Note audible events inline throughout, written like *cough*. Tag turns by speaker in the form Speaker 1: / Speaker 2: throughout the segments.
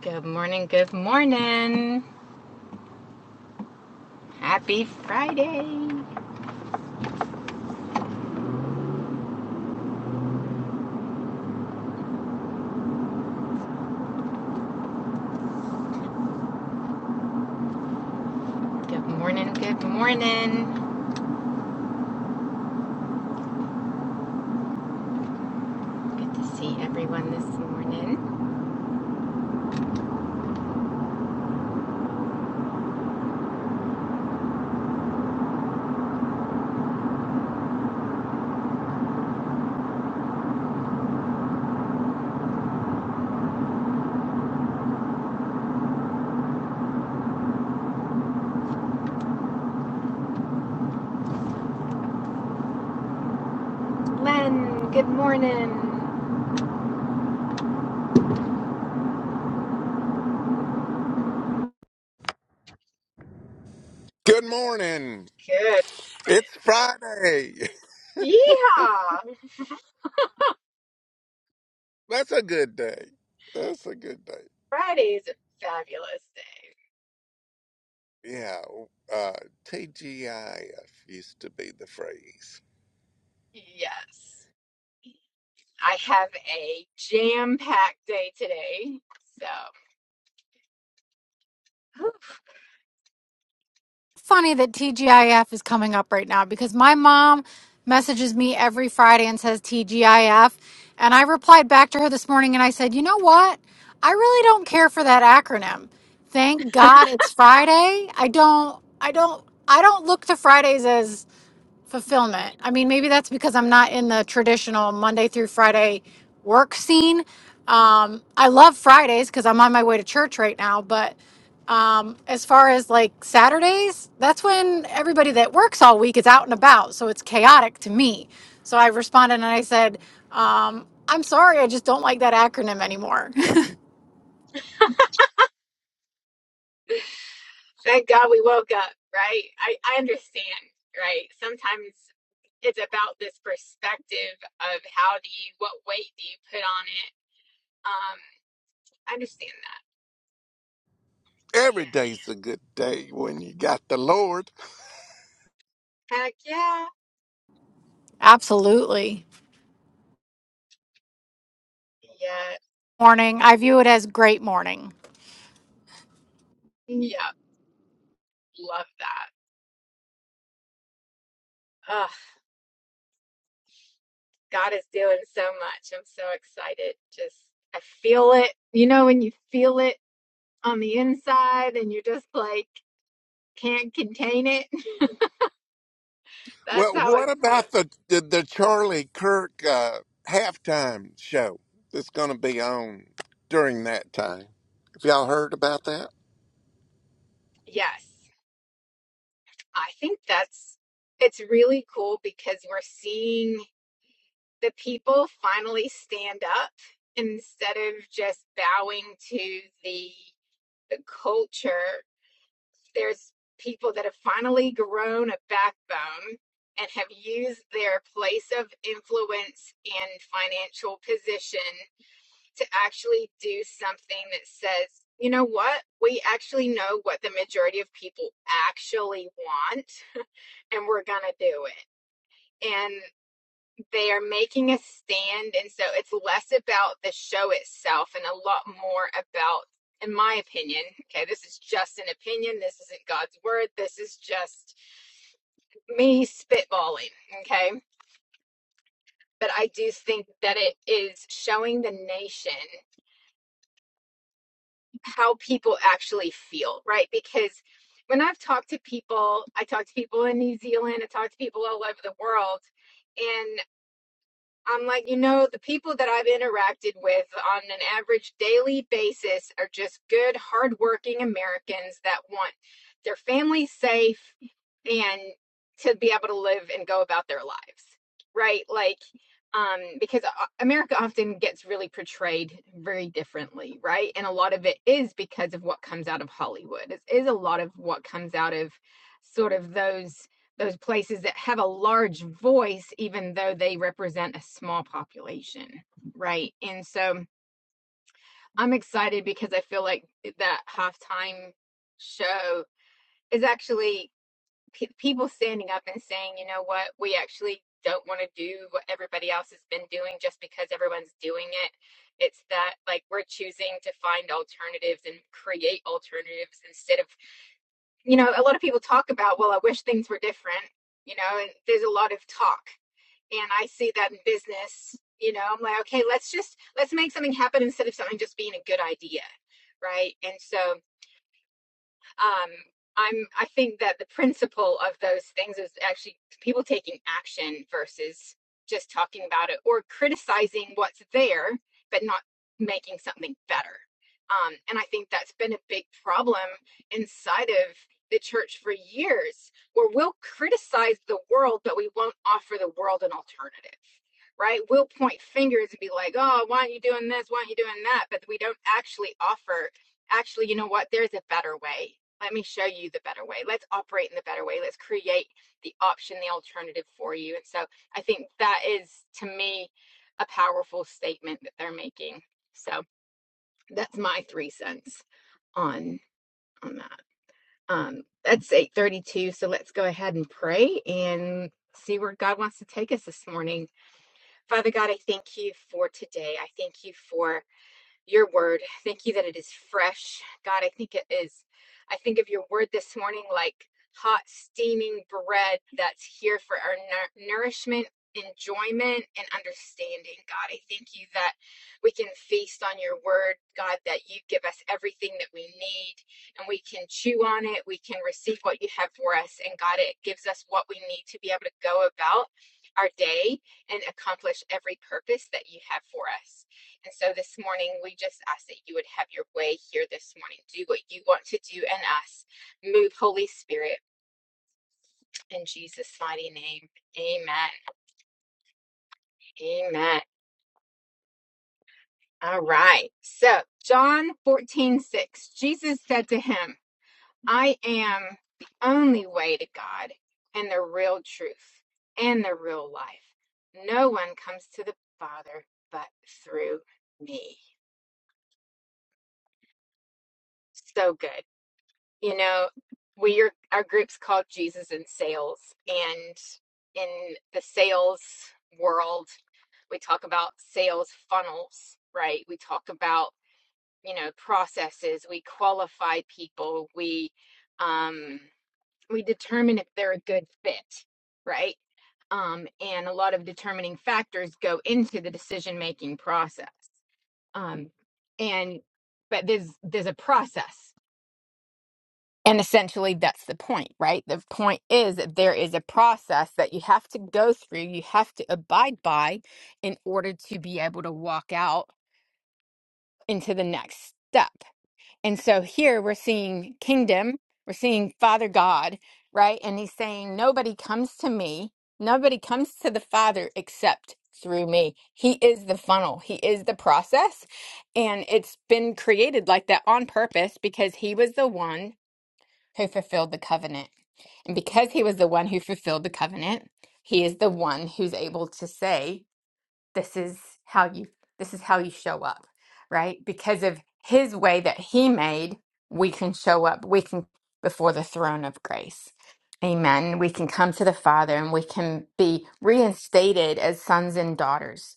Speaker 1: Good morning, good morning. Happy Friday. Good morning, good morning. Good to see everyone this morning. Len, good morning.
Speaker 2: Good morning.
Speaker 1: Good
Speaker 2: It's
Speaker 1: morning.
Speaker 2: Friday.
Speaker 1: Yeehaw!
Speaker 2: *laughs* That's a good day. That's a good day.
Speaker 1: Friday is a fabulous day.
Speaker 2: Yeah. Uh, TGIF used to be the phrase.
Speaker 1: Yes. I have a jam packed day today. So, whew,
Speaker 3: funny that TGIF is coming up right now because my mom messages me every Friday and says TGIF. And I replied back to her this morning and I said, you know what? I really don't care for that acronym. Thank God it's Friday. I don't, I don't, I don't look to Fridays as fulfillment. I mean, maybe that's because I'm not in the traditional Monday through Friday work scene. Um, I love Fridays because I'm on my way to church right now. But um, as far as like Saturdays, that's when everybody that works all week is out and about. So it's chaotic to me. So I responded and I said, um, I'm sorry, I just don't like that acronym anymore.
Speaker 1: Thank God we woke up, right? I, I understand, right? Sometimes it's about this perspective of how do you, what weight do you put on it? Um, I understand
Speaker 2: Every day's a good day when you got the Lord.
Speaker 1: that. And heck yeah,
Speaker 3: *laughs* Absolutely.
Speaker 1: yeah,
Speaker 3: Morning. I view it as great morning.
Speaker 1: yeah, love that. Oh, God is doing so much. I'm so excited. Just, I feel it. You know, when you feel it on the inside and you're just like, can't contain it. *laughs*
Speaker 2: Well,
Speaker 1: That's how I
Speaker 2: what
Speaker 1: feel.
Speaker 2: about the the, the Charlie Kirk uh, halftime show that's going to be on during that time? Have y'all heard about that?
Speaker 1: Yes. I think that's it's really cool because we're seeing the people finally stand up instead of just bowing to the, the culture. There's people that have finally grown a backbone and have used their place of influence and financial position to actually do something that says, you know what? We actually know what the majority of people actually want and we're going to do it and they are making a stand. And so it's less about the show itself and a lot more about, in my opinion, okay, this is just an opinion. This isn't God's word. This is just me spitballing, okay? But I do think that it is showing the nation how people actually feel, right? Because when I've talked to people, I talk to people in New Zealand, I talk to people all over the world and. I'm like, you know, the people that I've interacted with on an average daily basis are just good, hardworking Americans that want their family safe and to be able to live and go about their lives, right? Like, um, because uh, America often gets really portrayed very differently, right? And a lot of it is because of what comes out of Hollywood. It is a lot of what comes out of sort of those those places that have a large voice, even though they represent a small population, right? And so I'm excited because I feel like that halftime show is actually pe- people standing up and saying, you know what, we actually don't want to do what everybody else has been doing just because everyone's doing it. It's that like we're choosing to find alternatives and create alternatives instead of, you know, a lot of people talk about, well, I wish things were different you know and there's a lot of talk and I see that in business, you know, I'm like, okay, let's just let's make something happen instead of something just being a good idea, right? And so um, I'm I think that the principle of those things is actually people taking action versus just talking about it or criticizing what's there but not making something better. Um, and I think that's been a big problem inside of the church for years, where we'll criticize the world, but we won't offer the world an alternative, right? We'll point fingers and be like, oh, why aren't you doing this? Why aren't you doing that? But we don't actually offer, actually, you know what? There's a better way let me show you the better way. Let's operate in the better way. Let's create the option, the alternative for you. And so I think that is, to me, a powerful statement that they're making. So that's my three cents on on that. Um, that's eight thirty-two. So let's go ahead and pray and see where God wants to take us this morning. Father God, I thank you for today. I thank you for your word. Thank you that it is fresh. God, I think it is. I think of your word this morning like hot, steaming bread that's here for our nour- nourishment, enjoyment, and understanding. God, I thank you that we can feast on your word. God, that you give us everything that we need and we can chew on it. We can receive what you have for us. And God, it gives us what we need to be able to go about our day and accomplish every purpose that you have for us. And so this morning, we just ask that you would have your way here this morning. Do what you want to do in us. Move, Holy Spirit, in Jesus' mighty name. Amen. Amen. All right. So, John 14 6. Jesus said to him, I am the only way to God and the real truth and the real life. No one comes to the Father but through me. So good. you know, we are our group's called Jesus in Sales, and in the sales world, we talk about sales funnels, right? We talk about you know processes. We qualify people. We um, we determine if they're a good fit, right? Um, and a lot of determining factors go into the decision making process. Um, and but there's there's a process And essentially, that's the point, right? The point is that there is a process that you have to go through, you have to abide by in order to be able to walk out into the next step. And so here we're seeing kingdom, we're seeing Father God, right? And he's saying, Nobody comes to me, nobody comes to the Father except through me. He is the funnel, He is the process. And it's been created like that on purpose because He was the one who fulfilled the covenant. And because he was the one who fulfilled the covenant, he is the one who's able to say, this is how you this is how you show up, right? Because of his way that he made, we can show up. We can before the throne of grace. Amen. We can come to the Father and we can be reinstated as sons and daughters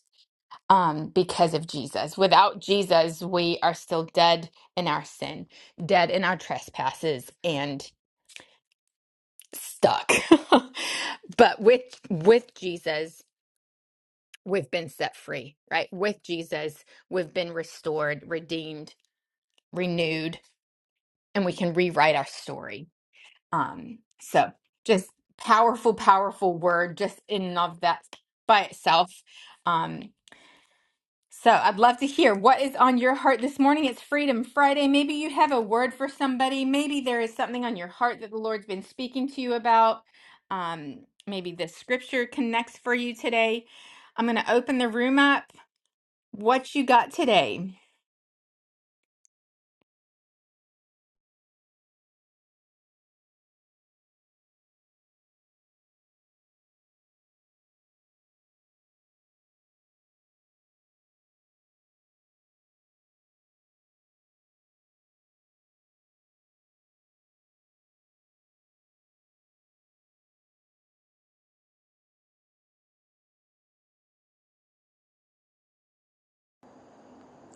Speaker 1: um, because of Jesus. Without Jesus, we are still dead in our sin, dead in our trespasses, stuck. *laughs* but with with Jesus, we've been set free, right? With Jesus, we've been restored, redeemed, renewed, and we can rewrite our story. Um so just powerful powerful word just in and of that by itself. Um So I'd love to hear what is on your heart this morning. It's Freedom Friday. Maybe you have a word for somebody. Maybe there is something on your heart that the Lord's been speaking to you about. Um, maybe the scripture connects for you today. I'm going to open the room up. What you got today?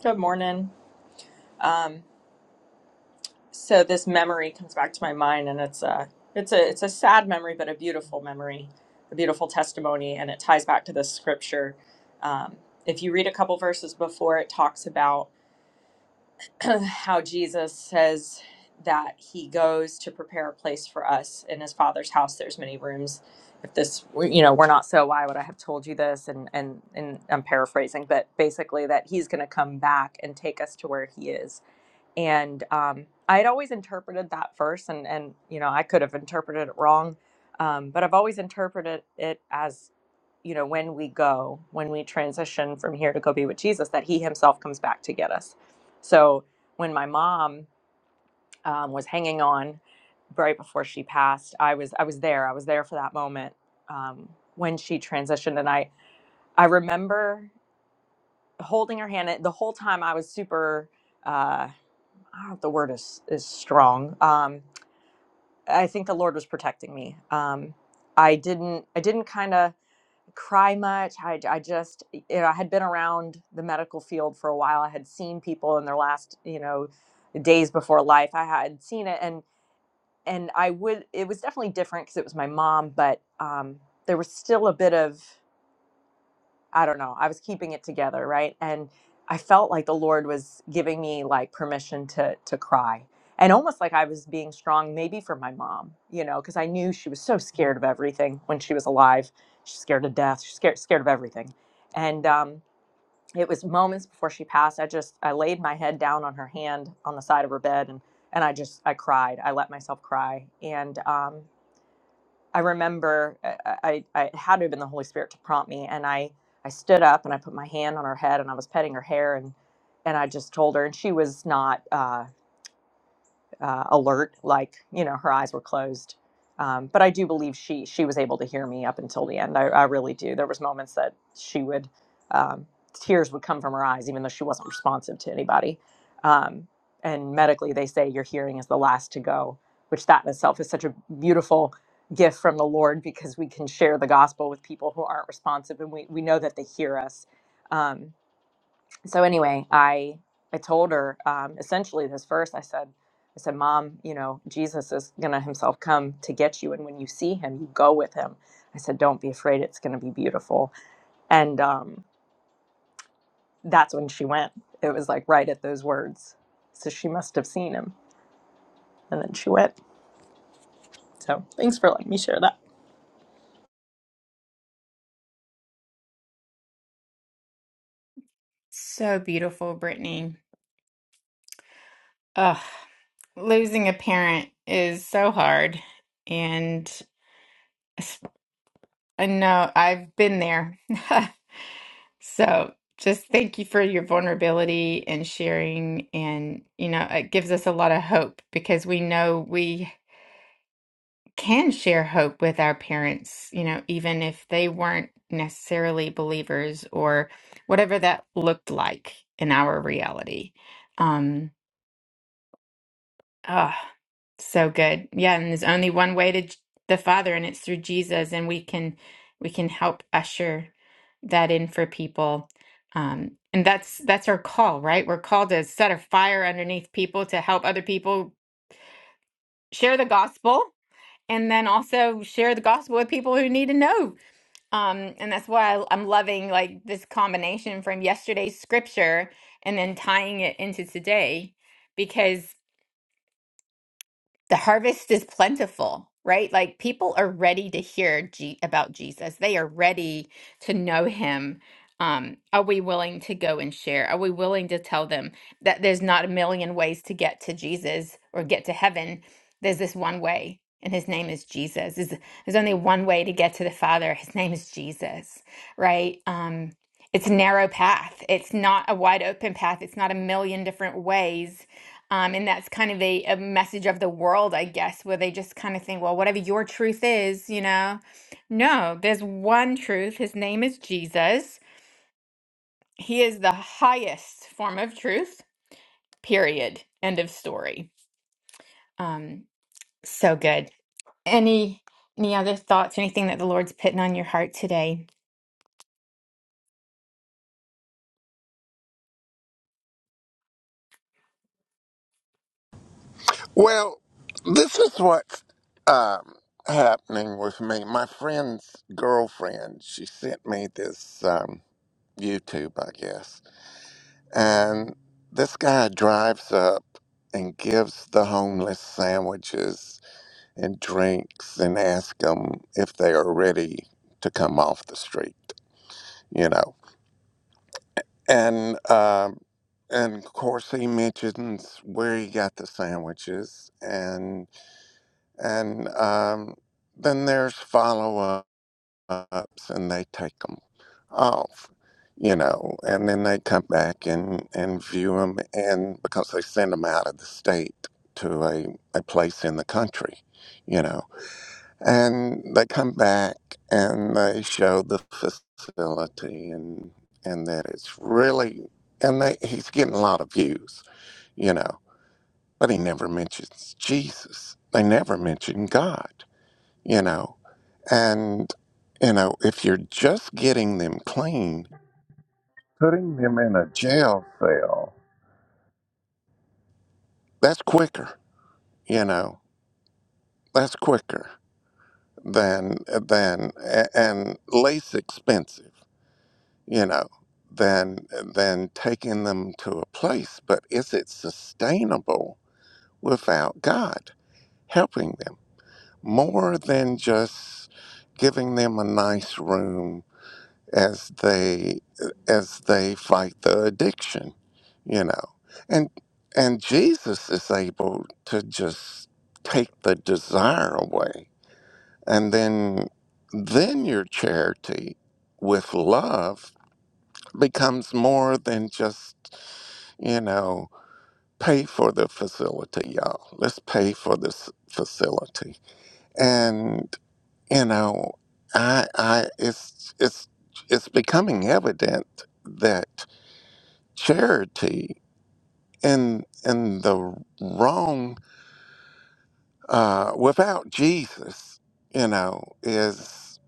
Speaker 4: Good morning. Um, so this memory comes back to my mind, and it's a it's a it's a sad memory, but a beautiful memory, a beautiful testimony, and it ties back to this scripture. Um, if you read a couple verses before, it talks about *clears throat* how Jesus says that he goes to prepare a place for us in his Father's house. There's many rooms. If this, were- you know, we're not so, why would I have told you this? And and and I'm paraphrasing, but basically that he's going to come back and take us to where he is and um, I had always interpreted that verse, and and you know I could have interpreted it wrong, um, but I've always interpreted it as you know when we go, when we transition from here to go be with Jesus, that He Himself comes back to get us. So when my mom um, was hanging on right before she passed, I was I was there. I was there for that moment um, when she transitioned, and I I remember holding her hand. The whole time I was super. Uh, I the word is is strong. Um, I think the Lord was protecting me. Um, I didn't I didn't kind of cry much. I, I just you know I had been around the medical field for a while. I had seen people in their last you know days before life. I had seen it and and I would it was definitely different because it was my mom, but um, there was still a bit of I don't know. I was keeping it together, right? And I felt like the Lord was giving me like permission to to cry. And almost like I was being strong maybe for my mom, you know, because I knew she was so scared of everything when she was alive. She's scared of death, she's scared scared of everything. And um it was moments before she passed. I just I laid my head down on her hand on the side of her bed and and I just I cried. I let myself cry. And um I remember uh, I, I, it had to have been the Holy Spirit to prompt me, and I I stood up and I put my hand on her head and I was petting her hair and and I just told her, and she was not. uh, uh, alert, like you know, her eyes were closed. Um, but I do believe she she was able to hear me up until the end. I, I really do. There was moments that she would um, tears would come from her eyes, even though she wasn't responsive to anybody. Um, and medically, they say your hearing is the last to go, which that in itself is such a beautiful gift from the Lord because we can share the gospel with people who aren't responsive, and we we know that they hear us. Um, so anyway i i told her um, essentially this verse i said i said mom you know jesus is gonna himself come to get you and when you see him you go with him i said don't be afraid it's gonna be beautiful and um, that's when she went it was like right at those words so she must have seen him and then she went so thanks for letting me share that
Speaker 1: So beautiful, Brittany. Ugh, losing a parent is so hard. And *sighs* I know I've been there. *laughs* So just thank you for your vulnerability and sharing. And, you know, it gives us a lot of hope because we know we can share hope with our parents, you know, even if they weren't necessarily believers or whatever that looked like in our reality. Um, Ah, so good. Yeah, and there's only one way to J- the Father, and it's through Jesus, and we can we can help usher that in for people. Um, and that's that's our call, right? We're called to set a fire underneath people to help other people share the gospel and then also share the gospel with people who need to know. Um, and that's why I, I'm loving like this combination from yesterday's scripture and then tying it into today because. the harvest is plentiful, right? Like people are ready to hear G- about Jesus. They are ready to know him. Um, are we willing to go and share? Are we willing to tell them that there's not a million ways to get to Jesus or get to heaven? There's this one way, and his name is Jesus. There's, there's only one way to get to the Father. His name is Jesus, right? Um, it's a narrow path. It's not a wide open path. It's not a million different ways um, and that's kind of a, a message of the world, I guess, where they just kind of think, well, whatever your truth is, you know. No, there's one truth. His name is Jesus. He is the highest form of truth, period. End of story. Um, so good. Any any other thoughts, anything that the Lord's putting on your heart today?
Speaker 2: Well, this is what's um, happening with me. My friend's girlfriend, she sent me this um, YouTube, I guess, and this guy drives up and gives the homeless sandwiches and drinks and asks them if they are ready to come off the street, you know. And um, and of course, he mentions where he got the sandwiches and and um, then there's follow-ups and they take them off you know and then they come back and, and view them and because they send them out of the state to a, a place in the country you know and they come back and they show the facility and and that it's really and they, he's getting a lot of views you know but he never mentions jesus they never mention god you know. And, you know, if you're just getting them clean, putting them in a jail cell, that's quicker, you know, that's quicker than, than, a- and less expensive, you know, than, than taking them to a place. But is it sustainable without God helping them more than just giving them a nice room? as they as they fight the addiction you know and and jesus is able to just take the desire away and then then your charity with love becomes more than just you know pay for the facility y'all let's pay for this facility and you know i i it's it's it's becoming evident that. charity in in the wrong uh, without Jesus, you know, is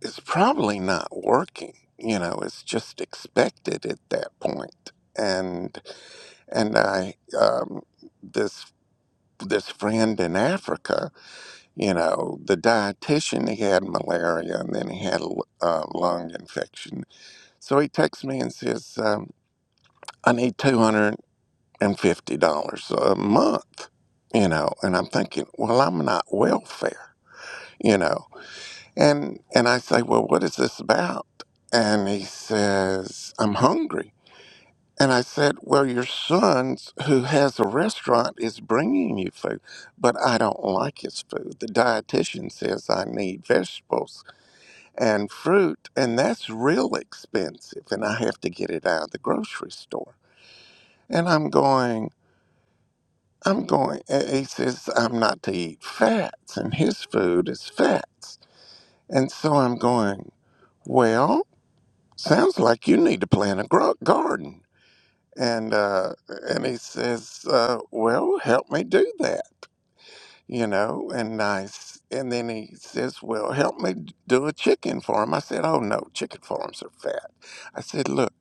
Speaker 2: is probably not working. You know, it's just expected at that point. And and I um, this this friend in Africa, you know, the dietitian he had malaria and then he had a l- uh, lung infection. So he texts me and says, um, "I need $250." and fifty dollars a month, you know. And I'm thinking, well, I'm not welfare, you know. And and I say, well, what is this about? And he says, I'm hungry. And I said, well, your son who has a restaurant is bringing you food, but I don't like his food. The dietitian says I need vegetables and fruit, and that's real expensive, and I have to get it out of the grocery store. And I'm going. I'm going, and he says, I'm not to eat fats, and his food is fats. And so I'm going, well, sounds like you need to plant a gro- garden. And, uh, and he says, uh, well, help me do that, you know, and I, s- and then he says, well, help me d- do a chicken farm. I said, oh no, chicken farms are fat. I said, look.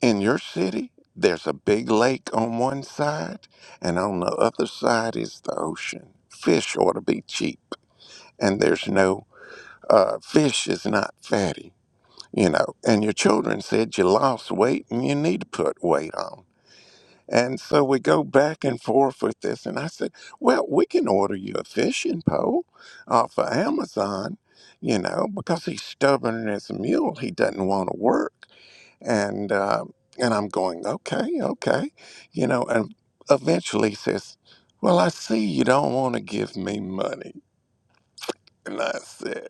Speaker 2: in your city, there's a big lake on one side, and on the other side is the ocean. Fish ought to be cheap, and there's no uh, fish is not fatty, you know. And your children said you lost weight and you need to put weight on. And so we go back and forth with this, and I said, "Well, we can order you a fishing pole off of Amazon, you know, because he's stubborn as a mule. He doesn't want to work." and uh, and I'm going, okay, okay, you know, and eventually he says, well, I see you don't want to give me money, and I said,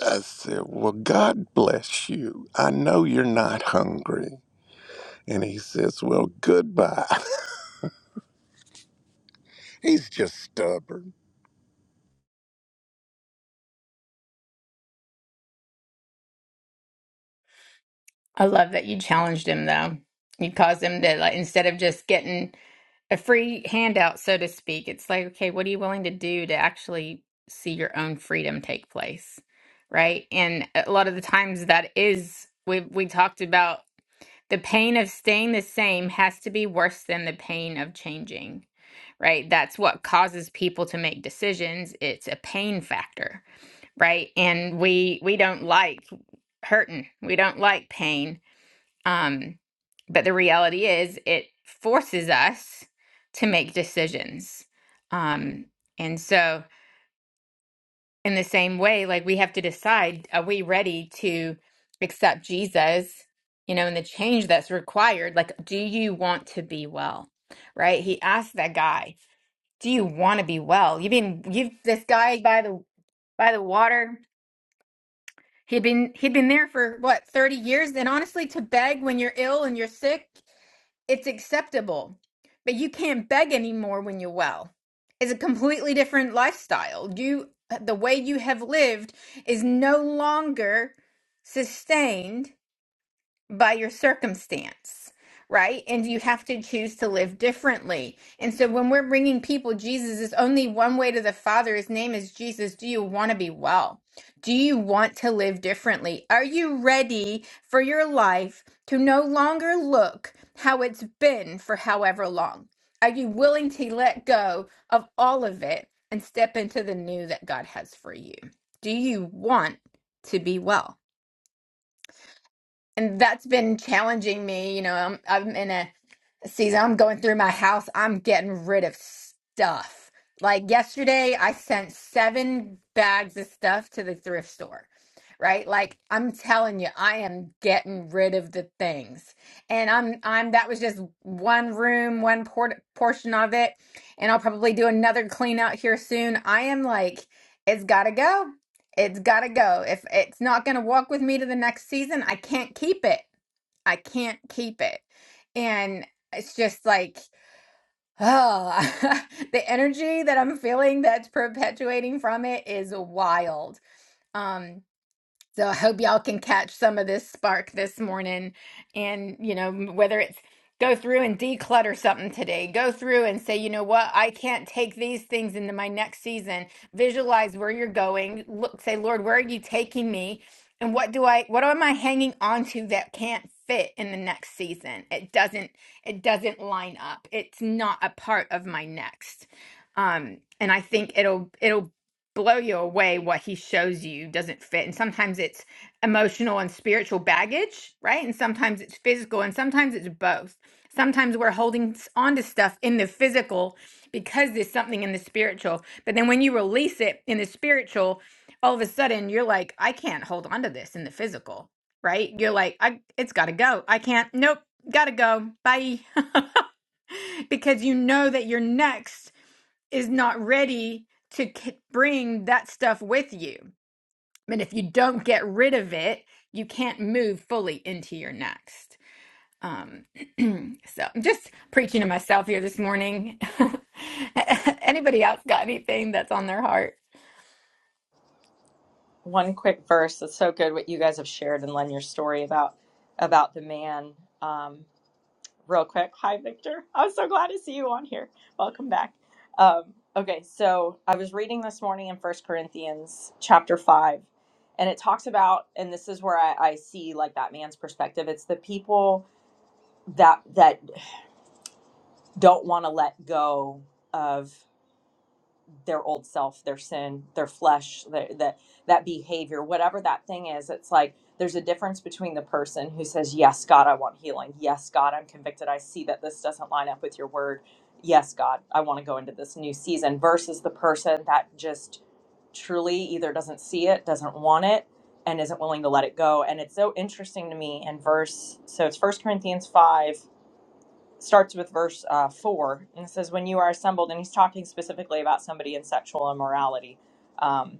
Speaker 2: I said, well, God bless you. I know you're not hungry. And he says, well, goodbye. *laughs* He's just stubborn.
Speaker 1: I love that you challenged him though. You caused him to like instead of just getting a free handout, so to speak, it's like, okay, what are you willing to do to actually see your own freedom take place? Right. And a lot of the times that is we we talked about the pain of staying the same has to be worse than the pain of changing. Right. That's what causes people to make decisions. It's a pain factor. Right. And we we don't like hurting. We don't like pain um, but the reality is, it forces us to make decisions. Um, and so, in the same way, like we have to decide are we ready to accept Jesus, you know, and the change that's required? Like, do you want to be well? Right? He asked that guy, Do you want to be well? You've been, you've, this guy by the, by the water, he'd been, he'd been there for what, 30 years? And honestly, to beg when you're ill and you're sick it's acceptable, but you can't beg anymore when you're well. It's a completely different lifestyle. You the way you have lived is no longer sustained by your circumstance, right? And you have to choose to live differently. And so when we're bringing people Jesus is only one way to the Father. His name is Jesus. Do you want to be well? Do you want to live differently? Are you ready for your life to no longer look how it's been for however long? Are you willing to let go of all of it and step into the new that God has for you? Do you want to be well? and that's been challenging me. You know, I'm I'm in a Season, I'm going through my house. I'm getting rid of stuff. Like yesterday, I sent seven bags of stuff to the thrift store, right? Like I'm telling you, I am getting rid of the things. And I'm, I'm, that was just one room, one port- portion of it. And I'll probably do another clean out here soon. I am like, it's gotta go. It's gotta go. If it's not gonna walk with me to the next season, I can't keep it. I can't keep it. And it's just like, oh, *laughs* the energy that I'm feeling that's perpetuating from it is wild. Um, so I hope y'all can catch some of this spark this morning. And, you know, whether it's go through and declutter something today, go through and say, you know what, I can't take these things into my next season. Visualize where you're going. Look, say, Lord, where are you taking me? And what do I, what am I hanging on to that can't fit in the next season? It doesn't, it doesn't line up. It's not a part of my next. Um, and I think it'll, it'll blow you away what he shows you doesn't fit and sometimes it's emotional and spiritual baggage right and sometimes it's physical and sometimes it's both sometimes we're holding s- on to stuff in the physical because there's something in the spiritual but then when you release it in the spiritual all of a sudden you're like i can't hold on to this in the physical right you're like i it's gotta go i can't nope gotta go bye *laughs* because you know that you're next is not ready to c- bring that stuff with you. And if you don't get rid of it, you can't move fully into your next. Um, *clears throat* so I'm just preaching to myself here this morning. *laughs* Anybody else got anything that's on their heart?
Speaker 4: one quick verse that's so good what you guys have shared and len your story about about the man Um, real quick. Hi, Victor. I'm so glad to see you on here. Welcome back. Um, okay, so I was reading this morning in First Corinthians chapter 5, and it talks about, and this is where I, I see like that man's perspective. It's the people that that don't want to let go of their old self, their sin, their flesh, their, that that behavior, whatever that thing is. It's like there's a difference between the person who says, "Yes, God, I want healing. Yes, God, I'm convicted. I see that this doesn't line up with your word. Yes, God, I want to go into this new season." Versus the person that just truly either doesn't see it, doesn't want it, and isn't willing to let it go. And it's so interesting to me in verse. So it's First Corinthians five starts with verse uh, 4 and it says when you are assembled and he's talking specifically about somebody in sexual immorality um,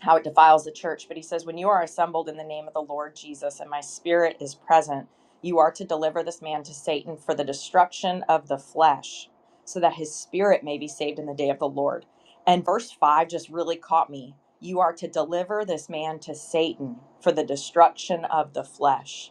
Speaker 4: how it defiles the church but he says when you are assembled in the name of the lord jesus and my spirit is present you are to deliver this man to satan for the destruction of the flesh so that his spirit may be saved in the day of the lord and verse 5 just really caught me you are to deliver this man to satan for the destruction of the flesh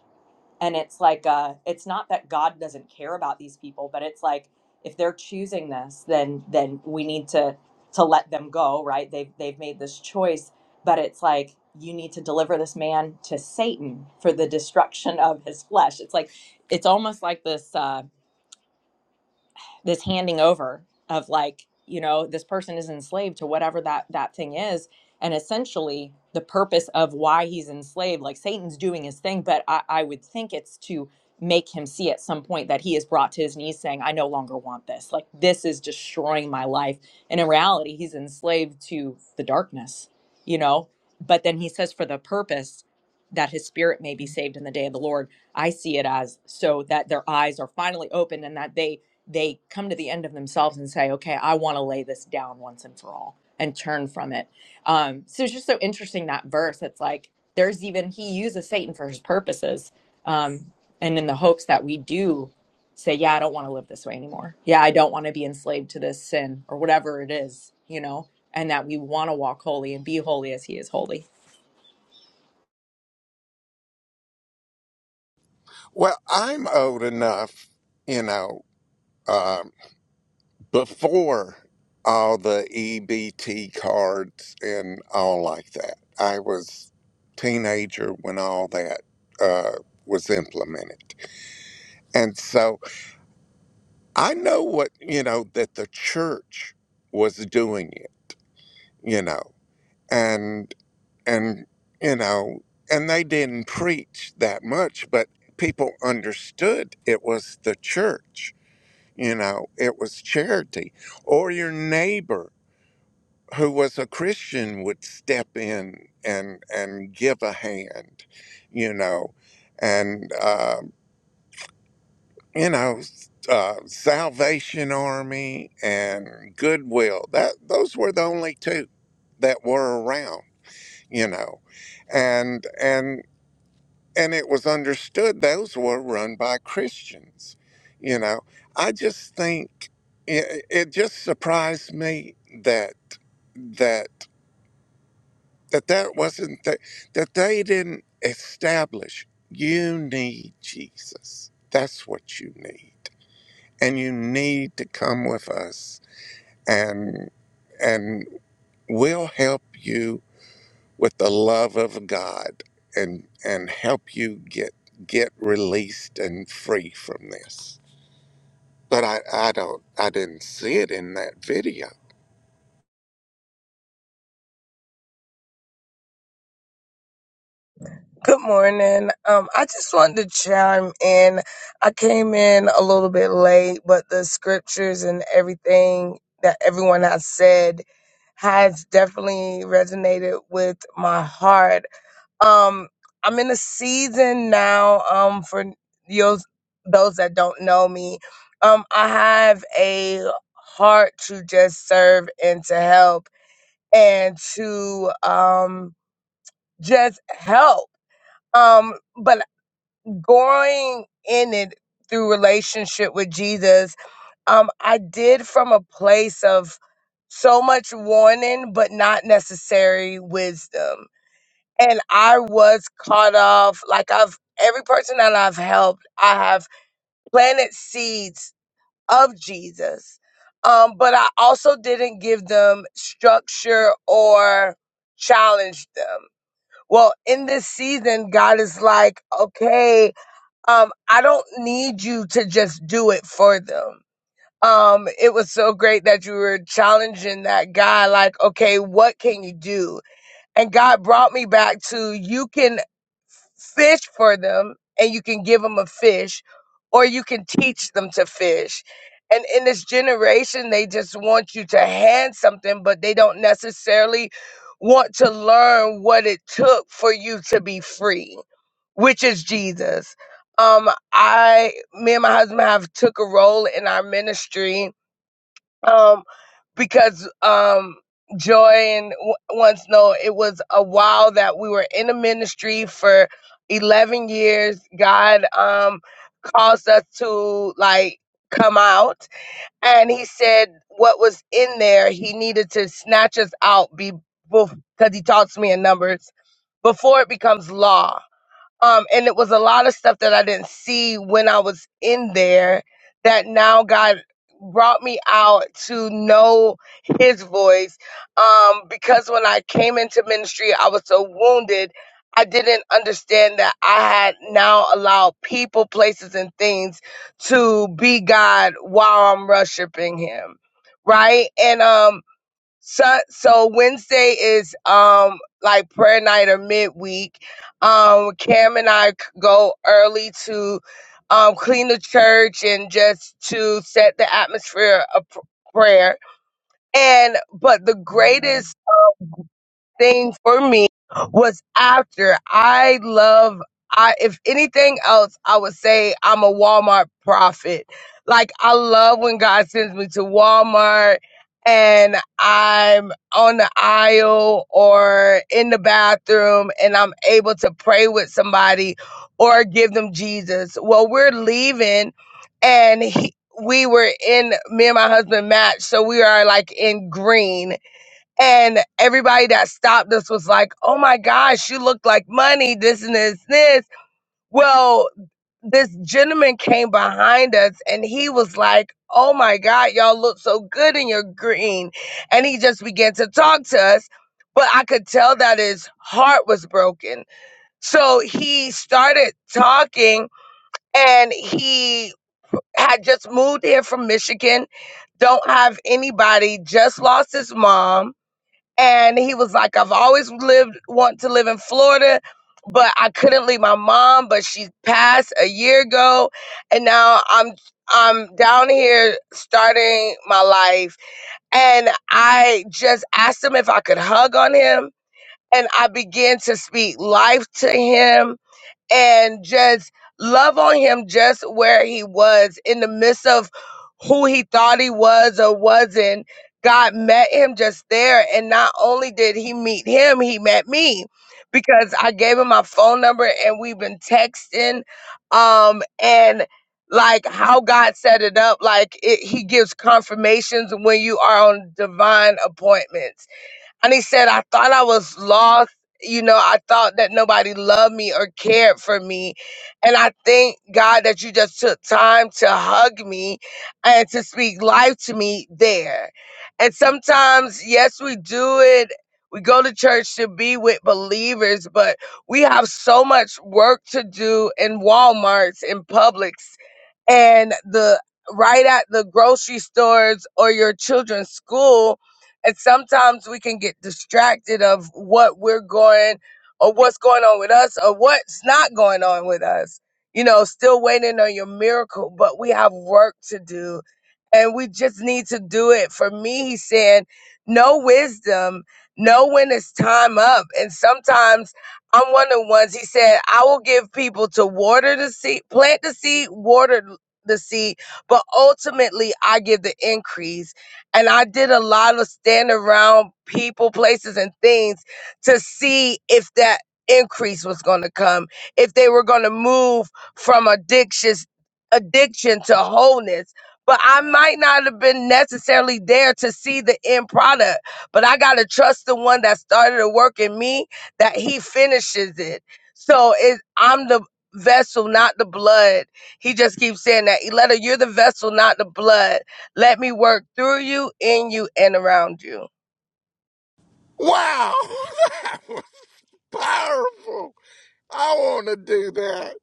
Speaker 4: and it's like uh it's not that god doesn't care about these people but it's like if they're choosing this then then we need to to let them go right they've they've made this choice but it's like you need to deliver this man to satan for the destruction of his flesh it's like it's almost like this Uh, this handing over of like you know this person is enslaved to whatever that that thing is and essentially the purpose of why he's enslaved like satan's doing his thing but i, I would think it's to make him see at some point that he is brought to his knees saying i no longer want this like this is destroying my life and in reality he's enslaved to the darkness you know but then he says for the purpose that his spirit may be saved in the day of the lord i see it as so that their eyes are finally opened and that they they come to the end of themselves and say, okay, I want to lay this down once and for all and turn from it. Um, so it's just so interesting that verse. It's like there's even, he uses Satan for his purposes um, and in the hopes that we do say, yeah, I don't want to live this way anymore. Yeah, I don't want to be enslaved to this sin or whatever it is, you know, and that we want to walk holy and be holy as he is holy.
Speaker 2: Well, I'm old enough, you know. um, before all the EBT cards and all like that. I was teenager when all that uh, was implemented, and so I know what you know that the church was doing it, you know, and and you know, and they didn't preach that much, but people understood it was the church. You know, it was charity or your neighbor who was a Christian would step in and and give a hand, you know, and uh, you know, uh, Salvation Army and Goodwill. That those were the only two that were around, you know, and and and it was understood those were run by Christians, you know. I just think it, it just surprised me that that. that that wasn't the, that they didn't establish you need jesus that's what you need and you need to come with us and and we'll help you with the love of god and and help you get get released and free from this but i i don't i didn't see it in that video
Speaker 5: Good morning. Um, I just wanted to chime in. I came in a little bit late, but the scriptures and everything that everyone has said has definitely resonated with my heart. Um, I'm in a season now. Um, for those those that don't know me, um, I have a heart to just serve and to help and to um just help. Um, but growing in it through relationship with Jesus, um, I did from a place of so much warning, but not necessary wisdom. And I was caught off, like I've every person that I've helped, I have planted seeds of Jesus. Um, but I also didn't give them structure or challenge them. Well, in this season, God is like, okay, um, I don't need you to just do it for them. Um, it was so great that you were challenging that guy, like, okay, what can you do? And God brought me back to you can fish for them and you can give them a fish or you can teach them to fish. And in this generation, they just want you to hand something, but they don't necessarily want to learn what it took for you to be free, which is Jesus. Um, I, me and my husband have took a role in our ministry um, because um, Joy and w- once know it was a while that we were in the ministry for eleven years. God um, caused us to like come out, and He said what was in there. He needed to snatch us out be because He taught me in numbers before it becomes law. Um, and it was a lot of stuff that I didn't see when I was in there that now God brought me out to know his voice. Um, because when I came into ministry, I was so wounded. I didn't understand that I had now allowed people, places, and things to be God while I'm worshiping him. Right. And um so so Wednesday is um like prayer night or midweek. Um Cam and I c- go early to um clean the church and just to set the atmosphere of pr- prayer. And but the greatest thing for me was after I love I if anything else I would say I'm a Walmart prophet. Like I love when God sends me to Walmart and I'm on the aisle or in the bathroom and I'm able to pray with somebody or give them Jesus. Well, we're leaving and he, we were in me and my husband match so we are like in green and everybody that stopped us was like, oh my gosh, you look like money, this and this, this. Well, this gentleman came behind us and he was like, oh my God, y'all look so good in your green. And he just began to talk to us. But I could tell that his heart was broken. So he started talking and he had just moved here from Michigan, don't have anybody, just lost his mom and he was like i've always lived want to live in florida but i couldn't leave my mom but she passed a year ago and now i'm i'm down here starting my life and i just asked him if i could hug on him and i began to speak life to him and just love on him just where he was in the midst of who he thought he was or wasn't. God met him just there. And not only did he meet him, he met me because I gave him my phone number and we've been texting. Um, and like how God set it up, like it, he gives confirmations when you are on divine appointments and he said, I thought I was lost. You know, I thought that nobody loved me or cared for me. And I thank God that you just took time to hug me and to speak life to me there. And sometimes, yes, we do it. We go to church to be with believers, but we have so much work to do in Walmarts, in Publix, and the right at the grocery stores or your children's school and sometimes we can get distracted of what we're going or what's going on with us or what's not going on with us. You know, still waiting on your miracle, but we have work to do and we just need to do it. For me, he's saying, no wisdom, know when it's time up. And sometimes I'm one of the ones, he said, I will give people to water the seed, plant the seed, water the seed, but ultimately I give the increase and I did a lot of stand around people, places, and things to see if that increase was going to come, if they were going to move from addictions, addiction to wholeness. But I might not have been necessarily there to see the end product, but I got to trust the one that started the work in me that he finishes it. So it, I'm the vessel, not the blood. He just keeps saying that. Eletta, you're the vessel, not the blood. Let me work through you, in you, and around you.
Speaker 2: wow *laughs* that was powerful i want to do that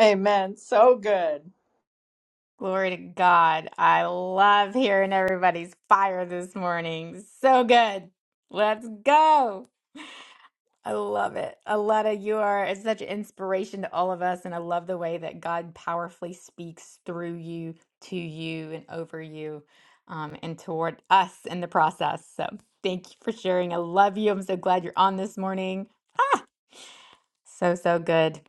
Speaker 4: Amen. So good.
Speaker 1: Glory to God. I love hearing everybody's fire this morning. So good. Let's go. I love it. Aletta, you are such an inspiration to all of us. And I love the way that God powerfully speaks through you, to you, and over you, um, and toward us in the process. So thank you for sharing. I love you. I'm so glad you're on this morning. Ah, so, so good.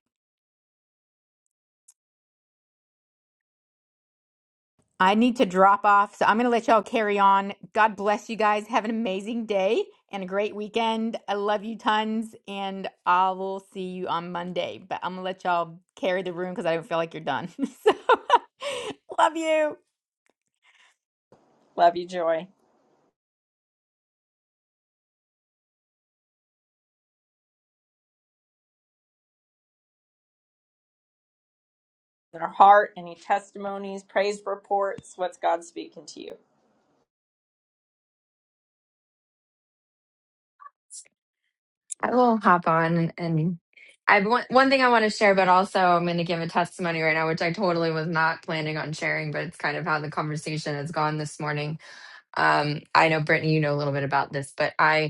Speaker 1: I need to drop off, so I'm going to let y'all carry on. God bless you guys. Have an amazing day and a great weekend. I love you tons, and I will see you on Monday. But I'm going to let y'all carry the room because I don't feel like you're done. *laughs* so, *laughs* love you.
Speaker 4: Love you, Joy. Our heart, any testimonies, praise reports? What's God speaking to you?
Speaker 6: I will hop on and I've one, one thing I want to share, but also I'm going to give a testimony right now, which I totally was not planning on sharing, but it's kind of how the conversation has gone this morning. Um, I know Brittany, you know a little bit about this, but I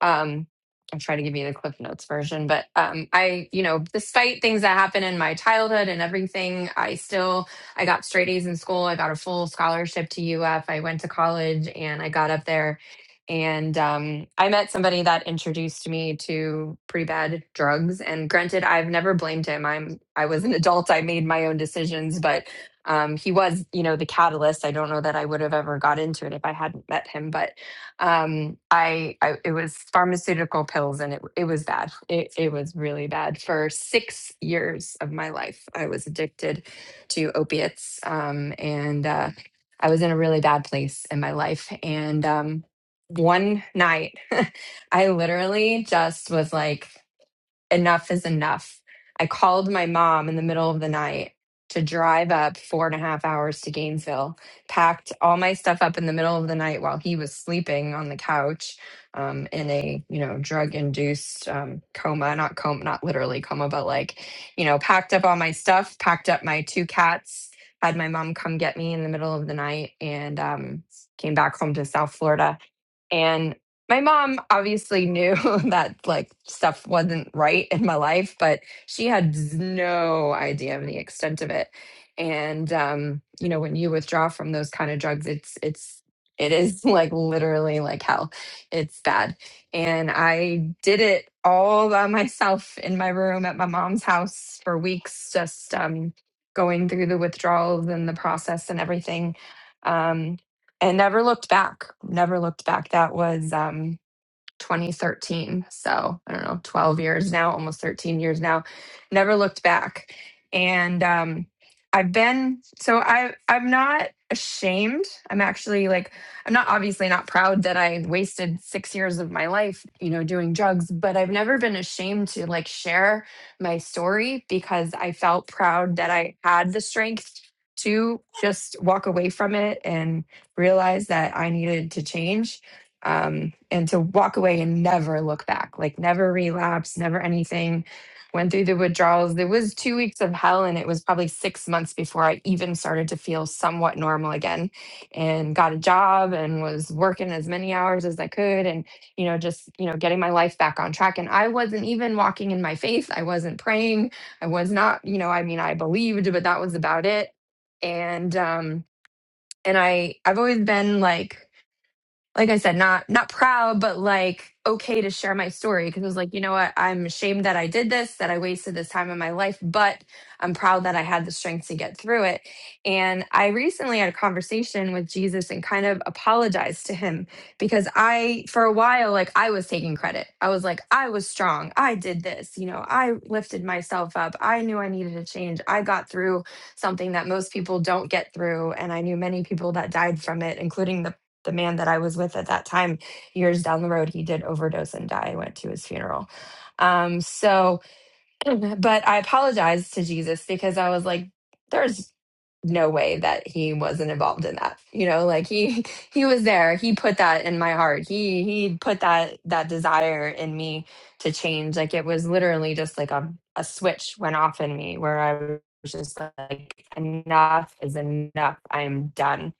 Speaker 6: um I'll try to give you the Cliff Notes version, but um I, you know, despite things that happened in my childhood and everything, I still I got straight A's in school. I got a full scholarship to UF. I went to college and I got up there and um I met somebody that introduced me to pretty bad drugs. And granted, I've never blamed him. I'm I was an adult. I made my own decisions, but um he was, you know, the catalyst. I don't know that I would have ever got into it if I hadn't met him, but um I, I it was pharmaceutical pills and it it was bad it, it was really bad for six years of my life i was addicted to opiates um and uh i was in a really bad place in my life and um one night *laughs* i literally just was like enough is enough. I called my mom in the middle of the night to drive up four and a half hours to Gainesville, packed all my stuff up in the middle of the night while he was sleeping on the couch um, in a, you know, drug induced um, coma, not coma, not literally coma, but like, you know, packed up all my stuff, packed up my two cats, had my mom come get me in the middle of the night and um, came back home to South Florida and my mom obviously knew *laughs* that like stuff wasn't right in my life, but she had z- no idea of the extent of it. And um, you know, when you withdraw from those kind of drugs, it's it's it is *laughs* like literally like hell. It's bad. And I did it all by *laughs* myself in my room at my mom's house for weeks, just um going through the withdrawals and the process and everything. Um, and never looked back. Never looked back. That was um, 2013. So I don't know, 12 years now, almost 13 years now. Never looked back. And um, I've been so I I'm not ashamed. I'm actually like I'm not obviously not proud that I wasted six years of my life, you know, doing drugs. But I've never been ashamed to like share my story because I felt proud that I had the strength to just walk away from it and realize that I needed to change um, and to walk away and never look back, like never relapse, never anything. Went through the withdrawals. There was two weeks of hell, and it was probably six months before I even started to feel somewhat normal again, and got a job and was working as many hours as I could, and you know, just you know, getting my life back on track. And I wasn't even walking in my faith. I wasn't praying. I was not, you know, I mean, I believed, but that was about it. And um, and I I've always been like like I said, not not proud, but like okay to share my story because I was like, you know what, I'm ashamed that I did this, that I wasted this time in my life, but I'm proud that I had the strength to get through it. And I recently had a conversation with Jesus and kind of apologized to him because I for a while like I was taking credit. I was like, I was strong. I did this, you know, I lifted myself up. I knew I needed to change. I got through something that most people don't get through and I knew many people that died from it, including those the man that I was with at that time, years down the road, he did overdose and die. I went to his funeral. Um, so, *clears throat* but I apologized to Jesus because I was like, there's no way that he wasn't involved in that. You know, like he *laughs* he was there. He put that in my heart. He he put that that desire in me to change. Like it was literally just like a a switch went off in me where I was just like enough is enough. I'm done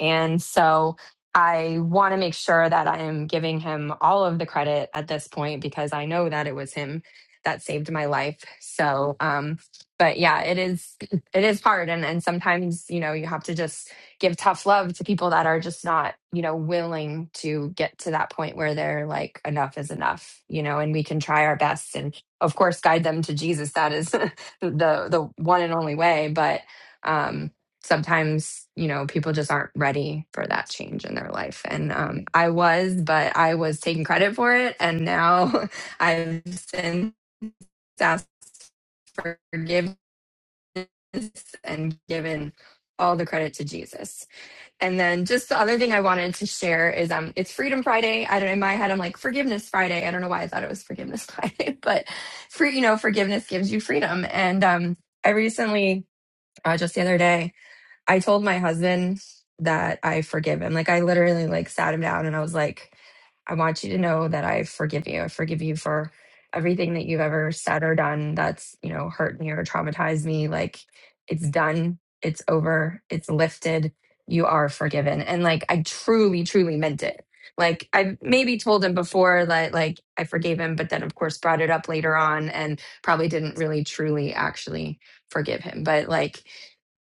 Speaker 6: and so I want to make sure that I am giving him all of the credit at this point because I know that it was him that saved my life. So, um, but yeah, it is *clears throat* it is hard, and and sometimes you know you have to just give tough love to people that are just not you know willing to get to that point where they're like enough is enough, you know, and we can try our best and of course guide them to Jesus. That is *laughs* the the one and only way, but. Um, sometimes you know people just aren't ready for that change in their life and um, i was but i was taking credit for it and now *laughs* i've since asked for forgiveness and given all the credit to jesus and then just the other thing i wanted to share is um it's freedom friday i don't in my head i'm like forgiveness friday i don't know why i thought it was forgiveness *laughs* friday but free you know forgiveness gives you freedom and um i recently uh, just the other day I told my husband that I forgive him. Like I literally like sat him down and I was like, I want you to know that I forgive you. I forgive you for everything that you've ever said or done that's, you know, hurt me or traumatized me. Like it's done. It's over. It's lifted. You are forgiven. And like I truly, truly meant it. Like I maybe told him before that like I forgave him, but then of course brought it up later on and probably didn't really truly actually forgive him. But like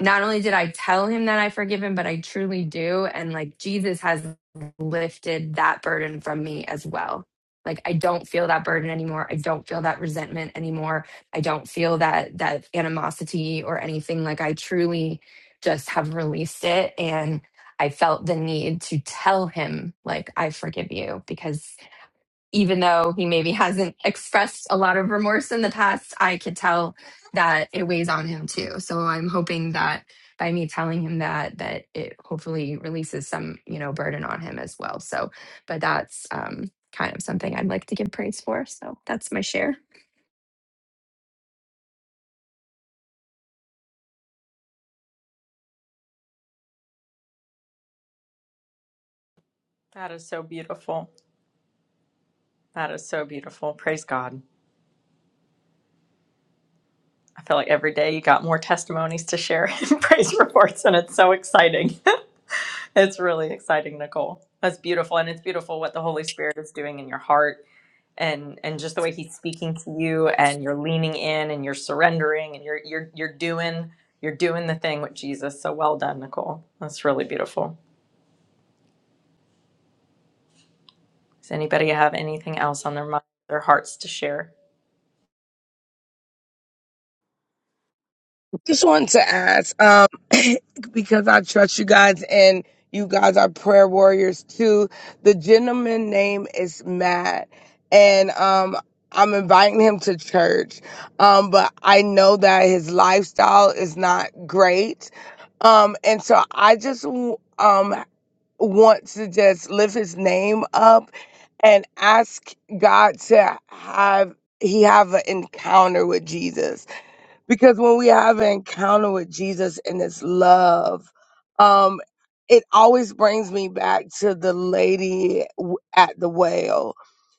Speaker 6: not only did I tell him that I forgive him, but I truly do. And like Jesus has lifted that burden from me as well. Like I don't feel that burden anymore. I don't feel that resentment anymore. I don't feel that that animosity or anything. Like I truly just have released it and I felt the need to tell him like I forgive you because even though he maybe hasn't expressed a lot of remorse in the past, I could tell that it weighs on him too. So I'm hoping that by me telling him that, that it hopefully releases some, you know, burden on him as well. So, but that's um, kind of something I'd like to give praise for. So that's my share.
Speaker 4: That is so beautiful. That is so beautiful. Praise God. I feel like every day you got more testimonies to share *laughs* and praise reports, and it's so exciting. *laughs* it's really exciting, Nicole. That's beautiful, and it's beautiful what the Holy Spirit is doing in your heart, and and just the way He's speaking to you, and you're leaning in, and you're surrendering, and you're you're you're doing you're doing the thing with Jesus. So well done, Nicole. That's really beautiful. Does anybody have anything else on their mind, their hearts to share?
Speaker 5: Just wanted to ask, um, *laughs* because I trust you guys and you guys are prayer warriors too. The gentleman name is Matt, and um, I'm inviting him to church. Um, but I know that his lifestyle is not great. Um, and so I just um want to just lift his name up and ask God to have he have an encounter with Jesus because when we have an encounter with Jesus and his love, um, it always brings me back to the lady w- at the well.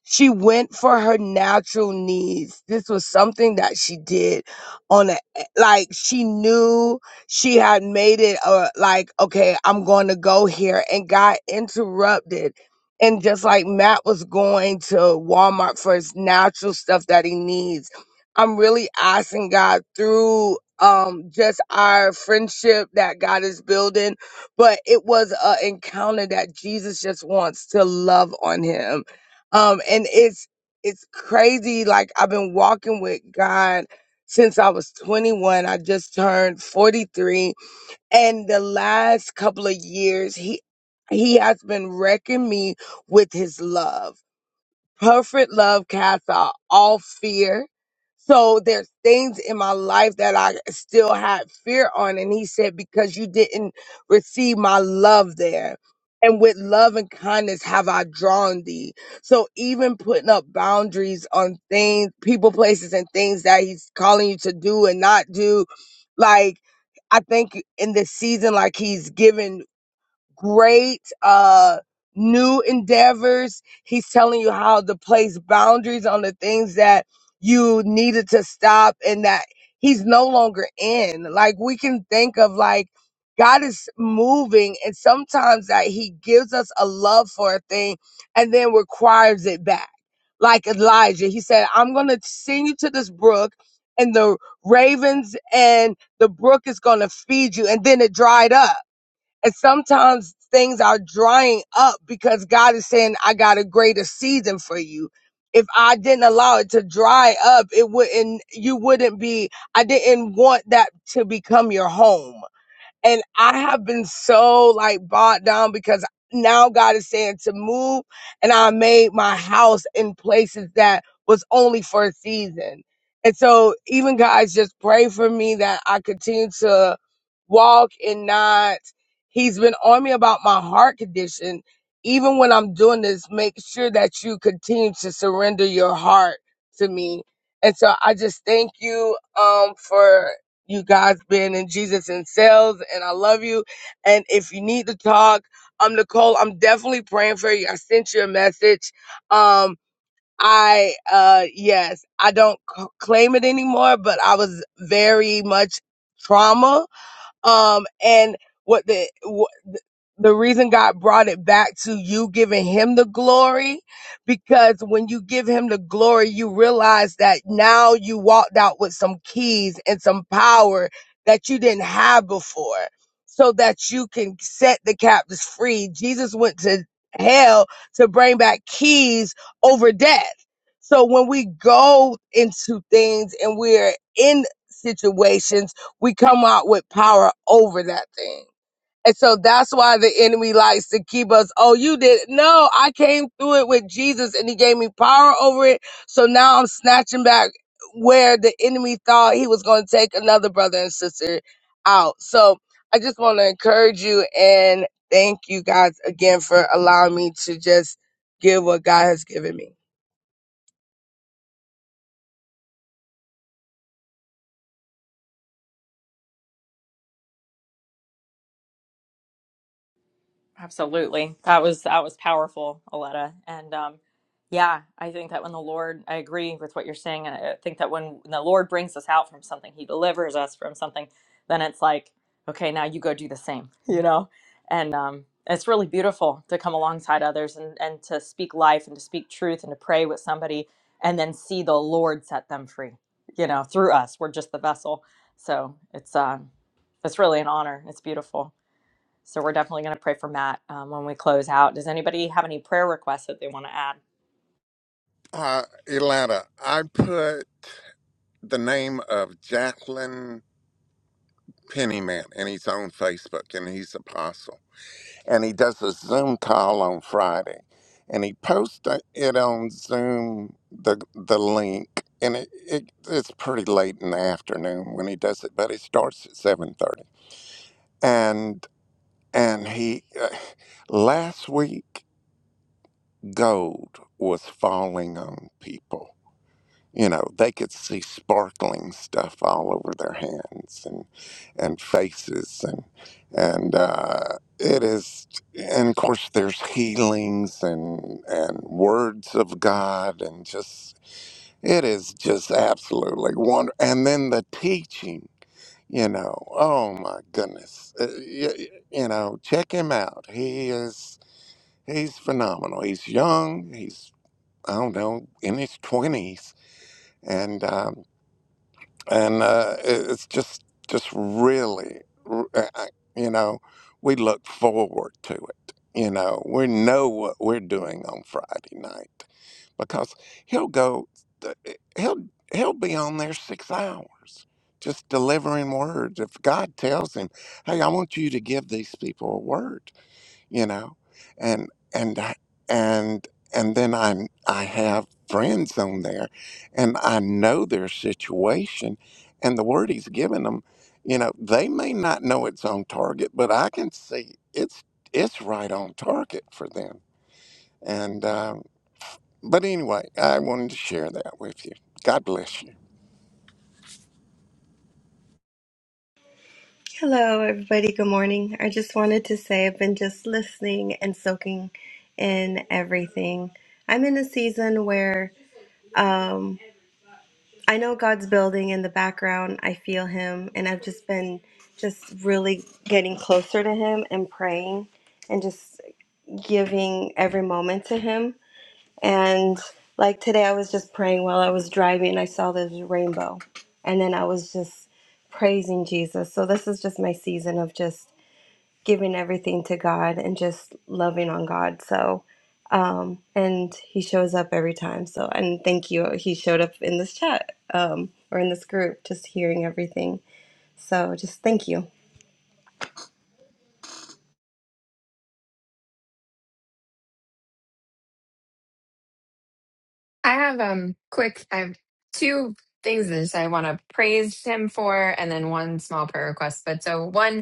Speaker 5: She went for her natural needs. This was something that she did on a, eh, like, she knew she had made it, uh, like, okay, I'm going to go here and got interrupted. And just like Matt was going to Walmart for his natural stuff that he needs I'm really asking God through um just our friendship that God is building, but it was an encounter that Jesus just wants to love on him. Um and it's it's crazy like I've been walking with God since I was 21. I just turned 43 and the last couple of years he he has been wrecking me with his love Perfect love casts out all fear. So there's things in my life that I still had fear on. And he said, because you didn't receive my love there. And with love and kindness have I drawn thee. So even putting up boundaries on things, people, places, and things that he's calling you to do and not do, like, I think in this season, like he's given great uh new endeavors. He's telling you how to place boundaries on the things that you needed to stop and that he's no longer in. Like we can think of like God is moving and sometimes that he gives us a love for a thing and then requires it back. Like Elijah, he said, I'm going to send you to this brook and the ravens and the brook is going to feed you. And then it dried up and sometimes things are drying up because God is saying, I got a greater season for you. If I didn't allow it to dry up, it wouldn't, you wouldn't be, I didn't want that to become your home. And I have been so like bogged down because now God is saying to move and I made my house in places that was only for a season. And so even guys just pray for me that I continue to walk and not he's been on me about my heart condition. Even when I'm doing this, make sure that you continue to surrender your heart to me. And so I just thank you um for you guys been in Jesus and sales, and I love you. And if you need to talk, um, Nicole, I'm definitely praying for you. I sent you a message. Um, I uh, yes, I don't c- claim it anymore, but I was very much trauma. Um, and what the the reason God brought it back to you giving him the glory, because when you give him the glory, you realize that now you walked out with some keys and some power that you didn't have before so that you can set the captives free. Jesus went to hell to bring back keys over death. So when we go into things and we're in situations, we come out with power over that thing. And so that's why the enemy likes to keep us. Oh, you did. No, I came through it with Jesus and he gave me power over it. So now I'm snatching back where the enemy thought he was going to take another brother and sister out. So I just want to encourage you and thank you guys again for allowing me to just give what God has given me.
Speaker 4: Absolutely. That was that was powerful, Aletta. And um yeah, I think that when the Lord, I agree with what you're saying, and I think that when the Lord brings us out from something, he delivers us from something, then it's like, okay, now you go do the same, *laughs* you know? And um it's really beautiful to come alongside others and and to speak life and to speak truth and to pray with somebody and then see the Lord set them free, you know, through us. We're just the vessel. So, it's um it's really an honor. It's beautiful. So we're definitely going to pray for Matt um, when we close out. Does anybody have any prayer requests that they want to add?
Speaker 2: Uh, Atlanta, I put the name of Jacqueline Pennyman in his own Facebook, and he's apostle. And he does a Zoom call on Friday, and he posted it on Zoom the the link, and it, it it's pretty late in the afternoon when he does it, but it starts at seven thirty. And and he uh, last week gold was falling on people you know they could see sparkling stuff all over their hands and and faces and and uh, it is and of course there's healings and and words of God and just it is just absolutely wonder and then the teaching you know oh my goodness uh, you, you know check him out he is he's phenomenal he's young he's I don't know in his twenties and um, and uh, it- it's just just really r- uh, uh, you know we look forward to it you know we know what we're doing on friday night because he'll go th- he'll he'll be on there six hours just delivering words if god tells him hey i want you to give these people a word you know and and I- and and then i i have friends on there and i know their situation and the word he's given them you know they may not know it's on target but i can see it's it's right on target for them and um, but anyway i wanted to share that with you god bless you
Speaker 7: Hello, everybody. Good morning. I just wanted to say I've been just listening and soaking in everything. I'm in a season where um, I know God's building in the background. I feel Him, and I've just been just really getting closer to Him and praying and just giving every moment to Him. And like today, I was just praying while I was driving. I saw this rainbow, and then I was just praising Jesus. So this is just my season of just giving everything to God and just loving on God. So, um, and he shows up every time. So, and thank you. He showed up in this chat um, or in this group, just hearing everything. So, just thank you.
Speaker 6: I have um quick, I have two things that I want to praise him for, and then one small prayer request. But so one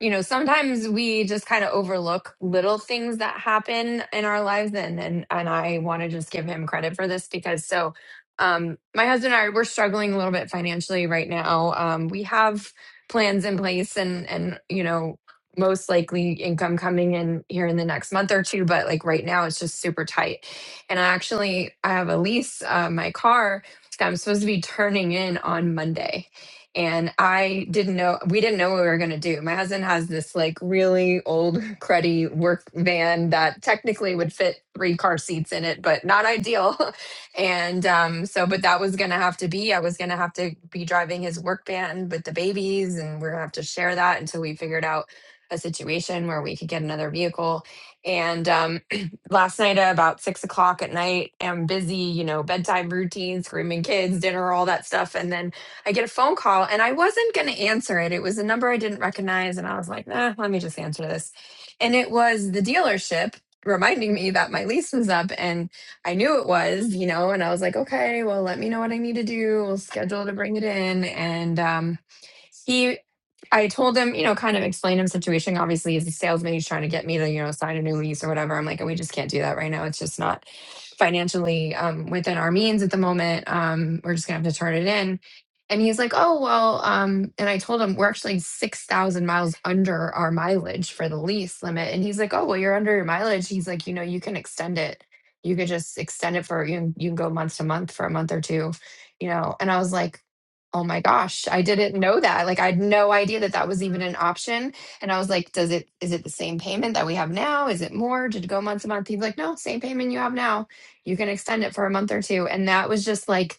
Speaker 6: you know, sometimes we just kind of overlook little things that happen in our lives and and and I want to just give him credit for this because so um my husband and I we're struggling a little bit financially right now. Um we have plans in place and and you know most likely income coming in here in the next month or two but like right now it's just super tight and i actually i have a lease uh, my car that i'm supposed to be turning in on monday and I didn't know we didn't know what we were gonna do. My husband has this like really old *laughs* cruddy work van that technically would fit three car seats in it, but not ideal. *laughs* and um, so, but that was gonna have to be I was gonna have to be driving his work van with the babies, and we're gonna have to share that until we figured out a situation where we could get another vehicle. And um, *clears throat* last night at about six o'clock at night, I'm busy, you know, bedtime routine, screaming kids, dinner, all that stuff, and then I get a phone call and I wasn't going to answer it. It was a number I didn't recognize. And I was like, nah, let me just answer this. And it was the dealership reminding me that my lease was up and I knew it was, you know, and I was like, okay, well, let me know what I need to do. We'll schedule to bring it in. And, um, he I told him, you know, kind of explained him situation. Obviously, he's a salesman. He's trying to get me to, you know, sign a new lease or whatever. I'm like, we just can't do that right now. It's just not financially um, within our means at the moment. Um, we're just gonna have to turn it in. And he's like, oh well. Um, and I told him we're actually six thousand miles under our mileage for the lease limit. And he's like, oh well, you're under your mileage. He's like, you know, you can extend it. You could just extend it for you. Can, you can go month to month for a month or two, you know. And I was like, Oh my gosh, I didn't know that. Like I had no idea that that was even an option. And I was like, does it is it the same payment that we have now? Is it more? Did it go month to month? He's like, no, same payment you have now. You can extend it for a month or two. And that was just like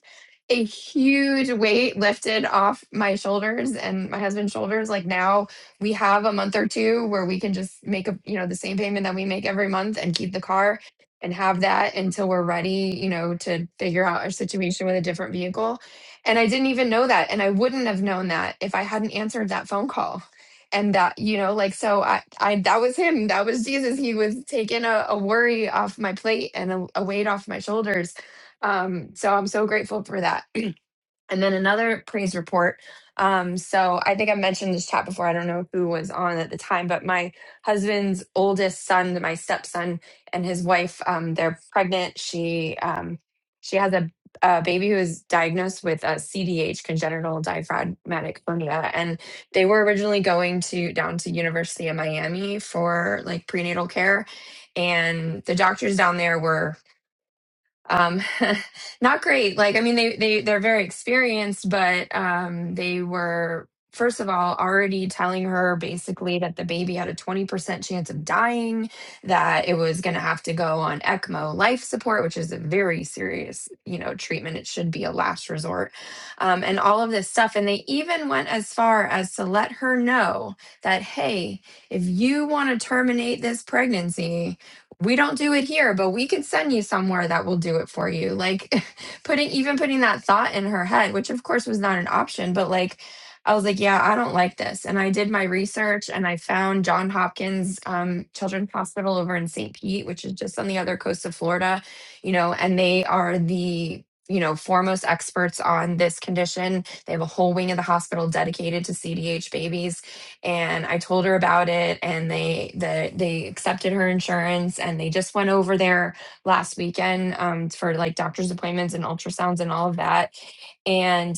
Speaker 6: a huge weight lifted off my shoulders and my husband's shoulders. Like now we have a month or two where we can just make a, you know, the same payment that we make every month and keep the car and have that until we're ready, you know, to figure out our situation with a different vehicle and I didn't even know that. And I wouldn't have known that if I hadn't answered that phone call. And that, you know, like, so I, I, that was him. That was Jesus. He was taking a, a worry off my plate and a, a weight off my shoulders. Um, so I'm so grateful for that. And then another praise report. Um, so I think I mentioned this chat before. I don't know who was on at the time, but my husband's oldest son, my stepson, and his wife, um, they're pregnant. She um, she has a, a baby who is diagnosed with a CDH, congenital diaphragmatic hernia, and they were originally going to down to University of Miami for like prenatal care, and the doctors down there were um *laughs* not great like i mean they they they're very experienced but um they were first of all already telling her basically that the baby had a 20% chance of dying that it was going to have to go on ecmo life support which is a very serious you know treatment it should be a last resort um, and all of this stuff and they even went as far as to let her know that hey if you want to terminate this pregnancy we don't do it here, but we could send you somewhere that will do it for you. Like *laughs* putting even putting that thought in her head, which of course was not an option, but like I was like, yeah, I don't like this. And I did my research and I found John Hopkins um, Children's Hospital over in St. Pete, which is just on the other coast of Florida, you know, and they are the, you know, foremost experts on this condition. They have a whole wing of the hospital dedicated to CDH babies and I told her about it and they the they accepted her insurance and they just went over there last weekend um for like doctor's appointments and ultrasounds and all of that. And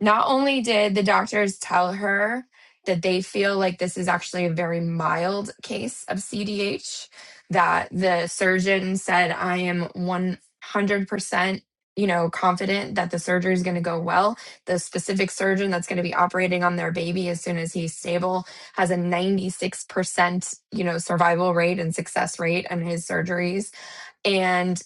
Speaker 6: not only did the doctors tell her that they feel like this is actually a very mild case of CDH that the surgeon said I am 100% you know confident that the surgery is going to go well the specific surgeon that's going to be operating on their baby as soon as he's stable has a 96%, you know, survival rate and success rate in his surgeries and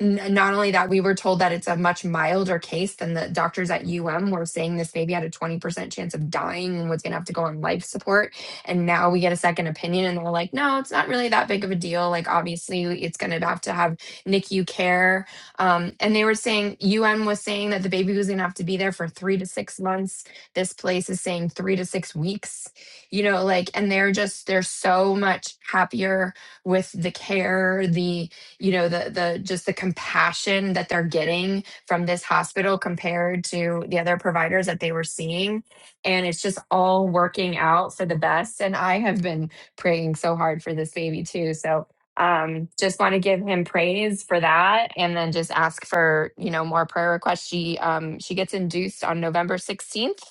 Speaker 6: n- not only that, we were told that it's a much milder case than the doctors at UM were saying this baby had a 20% chance of dying and was going to have to go on life support. And now we get a second opinion and they're like, no, it's not really that big of a deal. Like, obviously, it's going to have to have NICU care. Um, and they were saying, UM was saying that the baby was going to have to be there for three to six months. This place is saying three to six weeks, you know, like, and they're just, they're so much happier with the care, the, you know the the just the compassion that they're getting from this hospital compared to the other providers that they were seeing and it's just all working out for the best and i have been praying so hard for this baby too so um just want to give him praise for that and then just ask for you know more prayer requests she um she gets induced on november 16th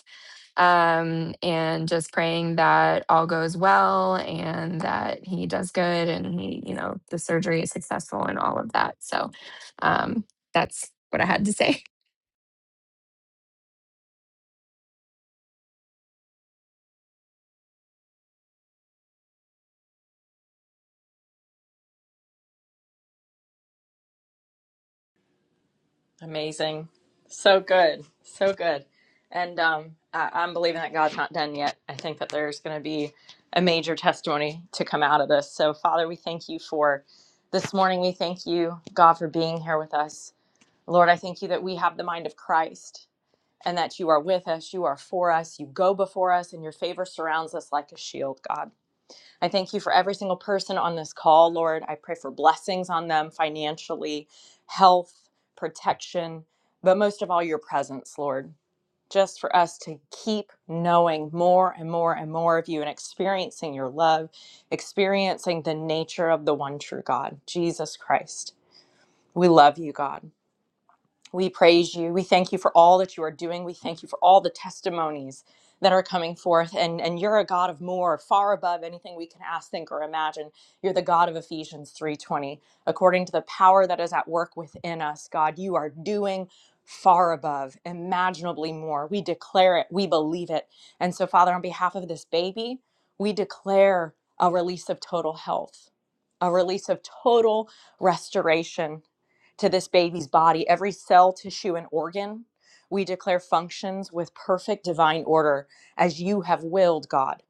Speaker 6: um, and just praying that all goes well and that he does good and he, you know, the surgery is successful and all of that. So um, that's what I had to say. *laughs*
Speaker 4: Amazing. So good. So good. And um, I- I'm believing that God's not done yet. I think that there's going to be a major testimony to come out of this. So, Father, we thank you for this morning. We thank you, God, for being here with us. Lord, I thank you that we have the mind of Christ and that you are with us, you are for us, you go before us, and your favor surrounds us like a shield, God. I thank you for every single person on this call, Lord. I pray for blessings on them financially, health, protection, but most of all, your presence, Lord. Just for us to keep knowing more and more and more of you and experiencing your love, experiencing the nature of the one true God, Jesus Christ. We love you, God. We praise you. We thank you for all that you are doing. We thank you for all the testimonies that are coming forth. And, and you're a God of more, far above anything we can ask, think, or imagine. You're the God of Ephesians 3:20. According to the power that is at work within us, God, you are doing far above, imaginably more. We declare it, we believe it. And so, Father, on behalf of this baby, we declare a release of total health, a release of total restoration to this baby's body, every cell, tissue, and organ. We declare functions with perfect divine order as you have willed, God.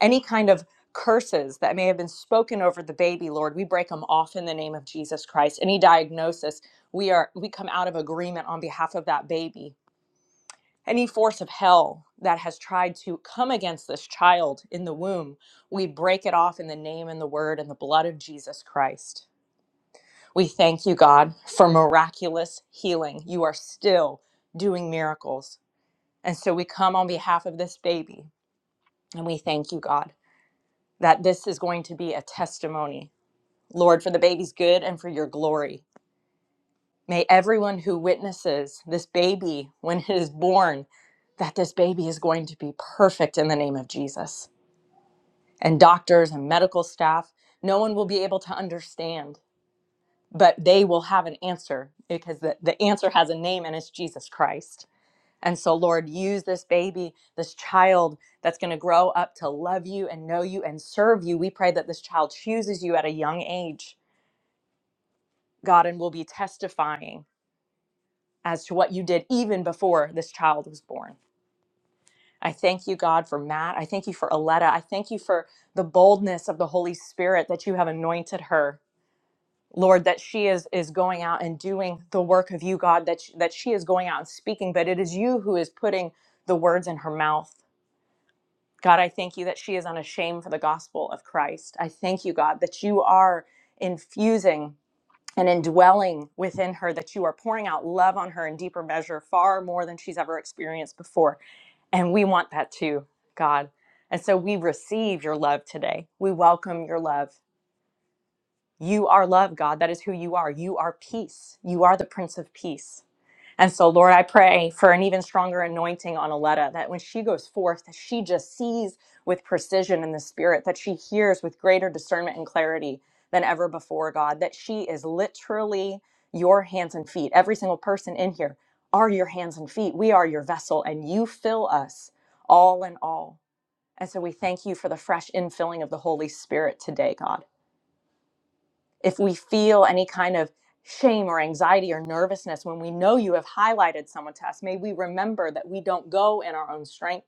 Speaker 4: Any kind of curses that may have been spoken over the baby, Lord, we break them off in the name of Jesus Christ. Any diagnosis, we are we come out of agreement on behalf of that baby. Any force of hell that has tried to come against this child in the womb, we break it off in the name and the word and the blood of Jesus Christ. We thank you, God, for miraculous healing. You are still doing miracles. And so we come on behalf of this baby and we thank you, God, that this is going to be a testimony, Lord, for the baby's good and for your glory. May everyone who witnesses this baby when it is born, that this baby is going to be perfect in the name of Jesus. And doctors and medical staff, no one will be able to understand but they will have an answer because the, the answer has a name and it's Jesus Christ. And so, Lord, use this baby, this child that's going to grow up to love you and know you and serve you. We pray that this child chooses you at a young age, God, and will be testifying as to what you did even before this child was born. I thank you, God, for Matt. I thank you for Aletta. I thank you for the boldness of the Holy Spirit that you have anointed her Lord, that she is is going out and doing the work of you, God, that she, that she is going out and speaking, but it is you who is putting the words in her mouth. God, I thank you that she is unashamed for the gospel of Christ. I thank you, God, that you are infusing and indwelling within her, that you are pouring out love on her in deeper measure, far more than she's ever experienced before. And we want that too, God. And so we receive your love today. We welcome your love. You are love, God. That is who you are. You are peace. You are the Prince of Peace. And so, Lord, I pray for an even stronger anointing on Aletta that when she goes forth, that she just sees with precision in the spirit, that she hears with greater discernment and clarity than ever before, God, that she is literally your hands and feet. Every single person in here are your hands and feet. We are your vessel, and you fill us all in all. And so we thank you for the fresh infilling of the Holy Spirit today, God if we feel any kind of shame or anxiety or nervousness when we know you have highlighted someone to us, may we remember that we don't go in our own strength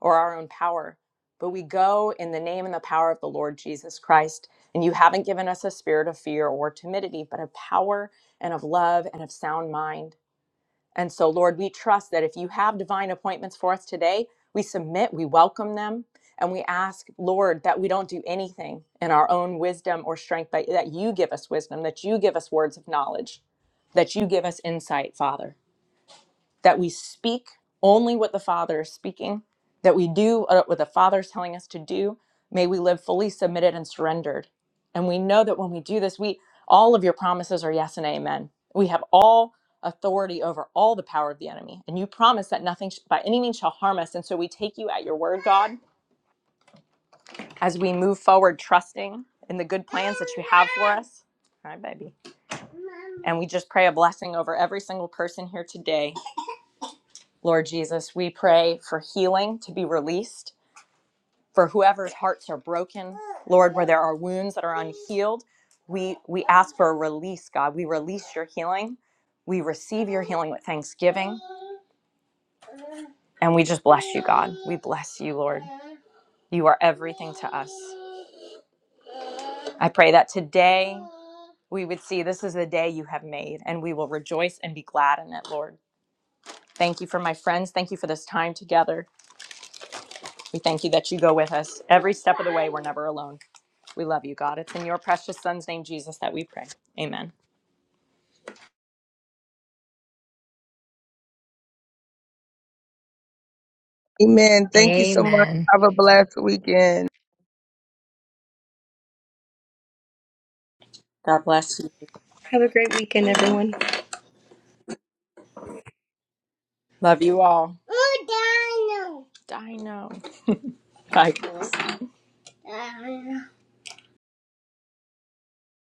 Speaker 4: or our own power, but we go in the name and the power of the Lord Jesus Christ. And you haven't given us a spirit of fear or timidity, but of power and of love and of sound mind. And so, Lord, we trust that if you have divine appointments for us today, we submit, we welcome them, and we ask, Lord, that we don't do anything in our own wisdom or strength, but that you give us wisdom, that you give us words of knowledge, that you give us insight, Father that we speak only what the Father is speaking, that we do uh, what the Father is telling us to do. May we live fully submitted and surrendered. And we know that when we do this, we all of your promises are yes and amen. We have all authority over all the power of the enemy, and you promise that nothing sh- by any means shall harm us. And so we take you at your word, God, as we move forward, trusting in the good plans that you have for us. Hi, baby. And we just pray a blessing over every single person here today Lord Jesus, we pray for healing to be released for whoever's hearts are broken. Lord, where there are wounds that are unhealed, we we ask for a release, God. We release your healing. We receive your healing with thanksgiving, and we just bless you, God. We bless you, Lord. You are everything to us. I pray that today we would see this is the day you have made, and we will rejoice and be glad in it, Lord. Thank you for my friends. Thank you for this time together. We thank you that you go with us every step of the way. We're never alone. We love you, God. It's in your precious son's name, Jesus, that we pray. Amen.
Speaker 5: Amen. Thank you so much.
Speaker 6: Amen.
Speaker 5: Have a blessed weekend.
Speaker 4: God bless you.
Speaker 7: Have a great weekend, everyone.
Speaker 4: Love you all. Ooh, Dino. Dino. Bye.